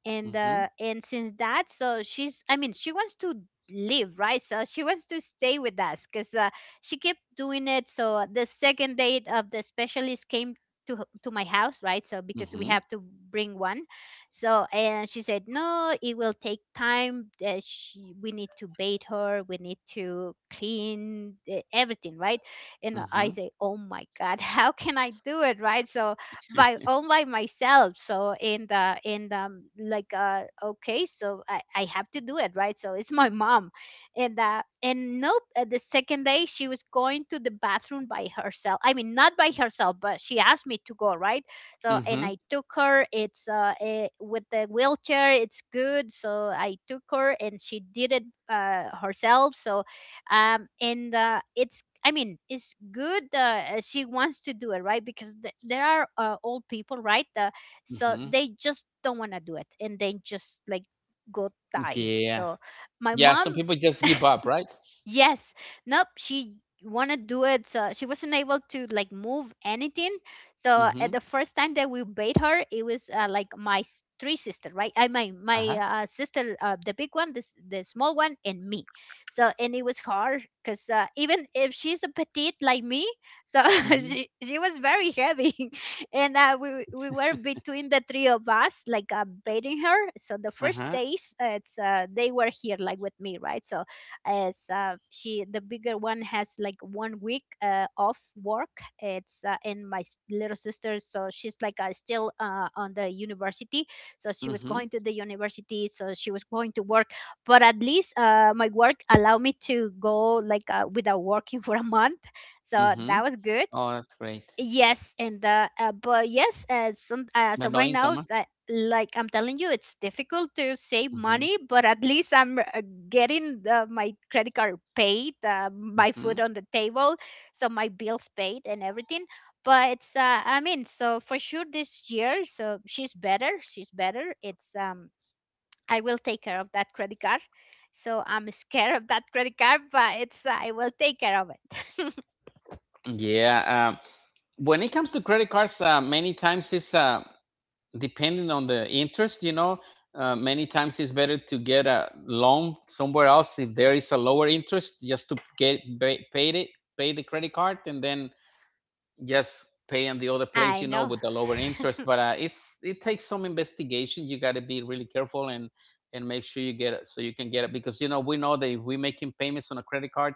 And Mm-hmm. and since that, so she's, I mean, she wants to live, right? So she wants to stay with us, because she kept doing it. So the second date of the specialist came to, to my house, right? So because we Mm-hmm. have to bring one. So and she said, "No, it will take time. That she, we need to bathe her. We need to clean, everything, right?" And I Mm-hmm. say, "Oh my God, how can I do it, right?" So by all by myself. So and like, okay, so I have to do it, right? So it's my mom, and nope. The second day, she was going to the bathroom by herself. I mean, not by herself, but she asked me to go, right? So and Mm-hmm. I took her, with the wheelchair it's good, so I took her and she did it herself. So and it's I mean, it's good, she wants to do it, right? Because there are old people, right? So Hmm. they just don't want to do it and they just like go die. Yeah. So my Yeah. mom. Some people just give up, right? Yes. Nope. She wanna do it. So she wasn't able to like move anything. So Mm-hmm. at the first time that we bait her, it was, like my three sister, right? I My Uh-huh. Sister, the big one, this the small one, and me. So, and it was hard, because even if she's a petite like me, so Mm-hmm. She was very heavy, and we were between the three of us like baiting her. So the first Uh-huh. days, it's they were here like with me, right? So as she the bigger one has like 1 week off work. It's and my little sister, so she's like still on the university. So she was Mm-hmm. going to the university. So she was going to work, but at least my work allowed me to go like without working for a month. So Hmm. that was good. Oh, that's great. Yes, and the but yes, as some as But of no right now, income. Huh? Like I'm telling you, it's difficult to save Hmm. money, but at least I'm getting my credit card paid, my food Hmm. on the table, so my bills paid and everything. But it's I mean, so for sure this year, she's better. It's I will take care of that credit card. So I'm scared of that credit card, but it's I will take care of it. Yeah. Um, when it comes to credit cards, many times it's depending on the interest. You know, many times it's better to get a loan somewhere else if there is a lower interest, just to paid it, pay the credit card, and then just pay on the other place. I You know, know. with the lower interest. But it takes some investigation. You got to be really careful and make sure you get it so you can get it because you know we know that if we're making payments on a credit card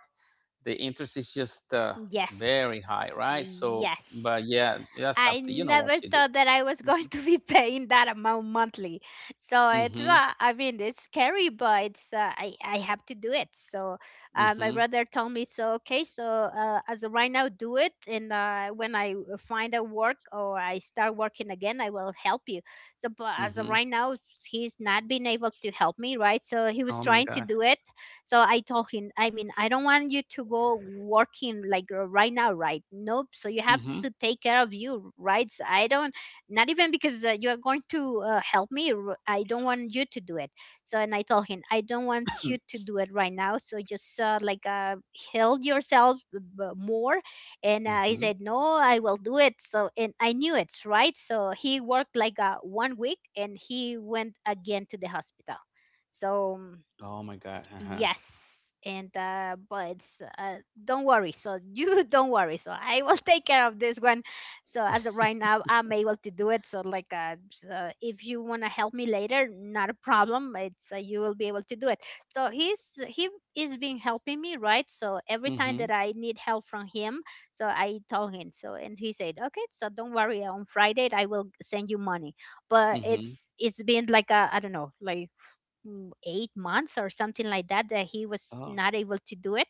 the interest is just very high, Yes. right? So, Yes. but yeah, that's up I to you know what never to do. thought that I was going to be paying that amount monthly. So it's Mm-hmm. I mean, it's scary, but it's I have to do it. So my Mm-hmm. brother told me, so okay, so as of right now, do it, and when I find a work or I start working again, I will help you. So but as of Mm-hmm. right now, he's not been able to help me, right? So he was Oh my trying to God. do it. So I told him, I mean, I don't want you to go working like, right now, right? Nope, so you have Mm-hmm. to take care of you, right? So I don't, not even because you are going to help me, I don't want you to do it. So, and I told him, I don't want you to do it right now, so just help yourself more. And he Mm-hmm. said, no, I will do it. So, and I knew it, right? So he worked like 1 week and he went again to the hospital. So mm. Oh my God. Uh-huh. Yes, and but don't worry. So you don't worry. So I will take care of this one. So as of right now, I'm able to do it. So like, so if you wanna help me later, not a problem. It's You will be able to do it. So he is been helping me, right? So every time Mm-hmm. that I need help from him, so I told him. So and he said, okay, so don't worry, on Friday I will send you money. But Mm-hmm. It's been like a, I don't know, like mm, 8 months or something like that, that he was Oh. not able to do it.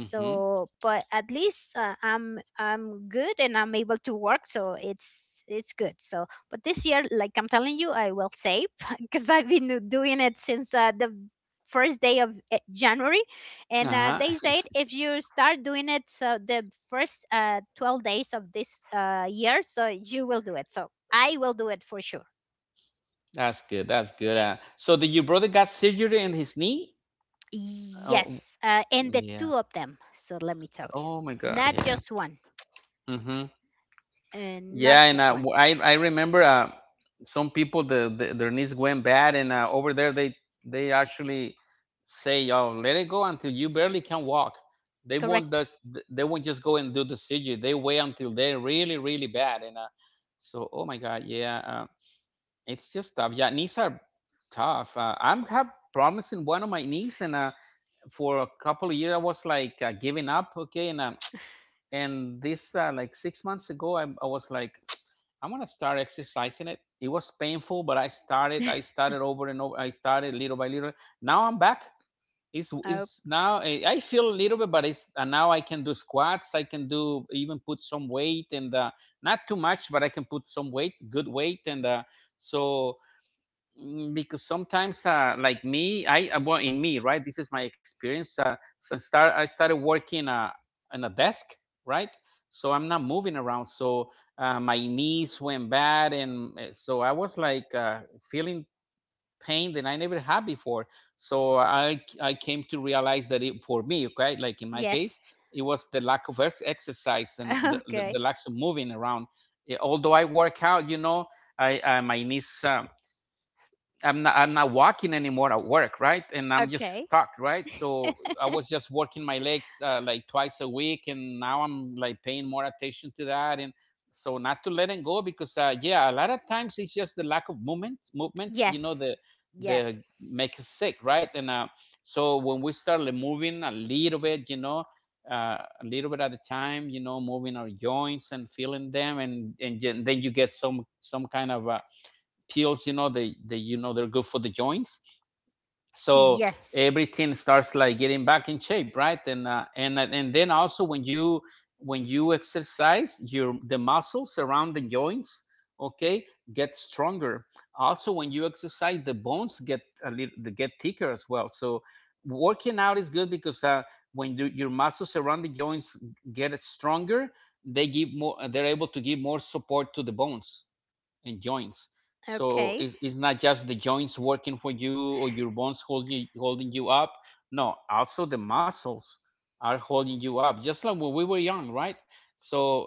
Mm-hmm. but at least I'm good and I'm able to work, so it's good. So but this year, like I'm telling you, I will save, because I've been doing it since the first day of January. And they Uh-huh. said if you start doing it, so the first 12 days of this year, so you will do it, so I will do it for sure. That's good. That's good. So did your brother got surgery in his knee? Oh, Yes, and the two yeah. of them. So let me tell Oh my you, God. not Yeah. just one, Mm-hmm. and not Yeah, and just one. I remember some people the their knees went bad, and over there they actually say, "Oh, let it go until you barely can walk." They won't Correct. just they won't just go and do the surgery. They wait until they're really really bad, and so oh my God, yeah, it's just tough. Yeah, knees are tough. I'm have problems in one of my knees, and for a couple of years I was like giving up, okay, and this like 6 months ago, I was like I'm gonna start exercising it. It was painful, but I started, over and over. I started little by little. Now I'm back. It's, Oh, is now, eh, I feel a little bit, but it's, and now I can do squats. I can do even put some weight and not too much, but I can put some weight, good weight, and so, mm, because sometimes like me I well, in me, right, this is my experience, so start I started working on a desk, right, so I'm not moving around. So my knees went bad, and so I was like, feeling pain that I never had before. So I came to realize that it, for me, okay, like in my case, yes. it was the lack of exercise and the Okay. lack of moving around. Eh, although I work out, you know, I my knees, I'm not walking anymore at work, right? And I'm just Okay. stuck, right? So I was just working my legs like twice a week, and now I'm like paying more attention to that. And so not to letting go because yeah, a lot of times it's just the lack of movement. You know, the Yes. the Yes. make us sick, right? And so when we start like moving a little bit, you know, a little bit at a time, you know, moving our joints and feeling them, and then you get some kind of pills, you know. They You know, they're good for the joints. So Yes. everything starts like getting back in shape, right? And and then also when you, when you exercise your, the muscles around the joints, okay, get stronger. Also, when you exercise, the bones get a little, they get thicker as well. So working out is good because when you, your muscles around the joints get stronger, they give more, they're able to give more support to the bones and joints. So Okay. It's not just the joints working for you or your bones holding you up. No, also the muscles are holding you up, just like when we were young, right? So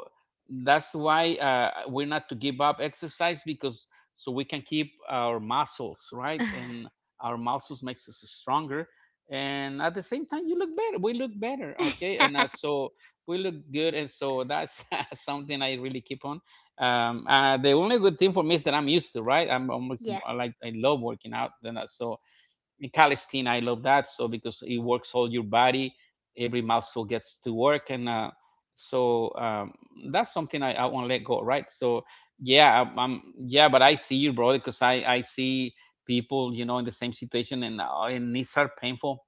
that's why we're not to give up exercise, because so we can keep our muscles, right? And our muscles makes us stronger. And at the same time, you look better. We look better, okay? And so we look good. And so that's something I really keep on, um, the only good thing for me is that I'm used to, right? I'm almost, I Yes. like, I love working out then, so in calisthenics, I love that, so because it works all your body. Every muscle gets to work, and so, um, that's something I won't let go, right? So yeah, I'm, yeah, but I see you, bro, because I see people, you know, in the same situation, and knees are painful.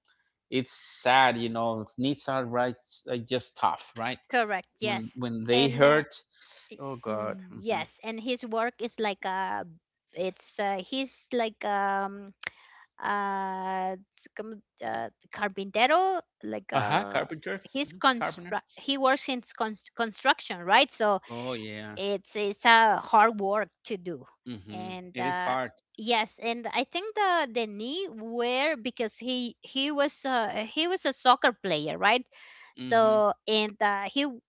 It's sad, you know, knees are right, are just tough, right, Correct. Yes. when they And hurt. y- Oh God. Mhm. yes, and his work is like a. It's He's like, uh, it's com- uh carpintero, like Aha, carpenter. he's Hmm. Carpenter. construct he works in construction, right? So Oh yeah. It's a hard work to do. Mhm. And It is hard. yes, and I think the knee where, because he was a soccer player, right? Mhm. So and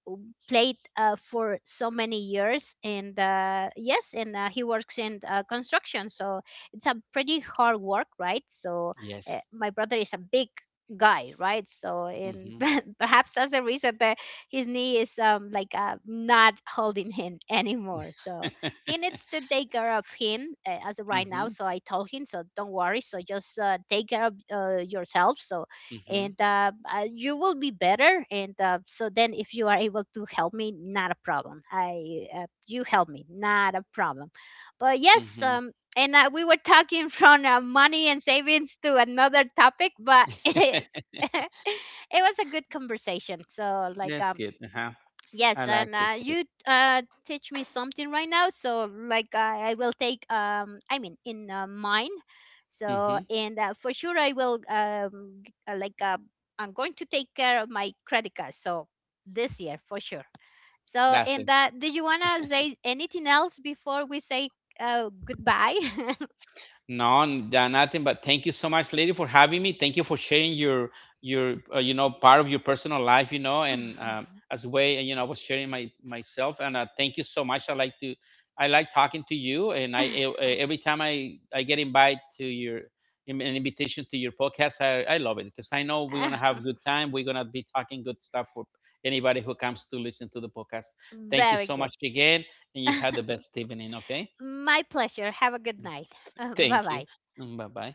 played for so many years, and yes, and he works in construction, so it's a pretty hard work, right? So Yes. my brother is a big guy, right? So and Mhm. perhaps that's the reason that his knee is not holding him anymore. So he needs to take care of him as of right now. Mhm. So I told him, so don't worry, so just take care of yourself. So Mhm. and you will be better, and so then if you are able to help me, not a problem, I you help me, not a problem. But yes, Mhm. And we were talking from money and savings to another topic, but it's it was a good conversation. So like, That's good. Uh-huh. I yes, and liked it too. you teach me something right now. So like, I will take, I mean, in mine. Mhm. So, and for sure, I will, I'm going to take care of my credit card. So, this year, for sure. So, That's a, and do you want to say anything else before we say goodbye? no, yeah, nothing. But thank you so much, lady, for having me. Thank you for sharing your you know, part of your personal life, you know, and as way, you know, I was sharing my myself. And thank you so much. I like to, I like talking to you, and every time I get invited to your, an invitation to your podcast, I love it because I know we're gonna have good time. We're gonna be talking good stuff for anybody who comes to listen to the podcast. Thank you Very so good. much again, and you had the best evening. Okay, My pleasure. Have a good night. Bye thank you. bye. Bye bye.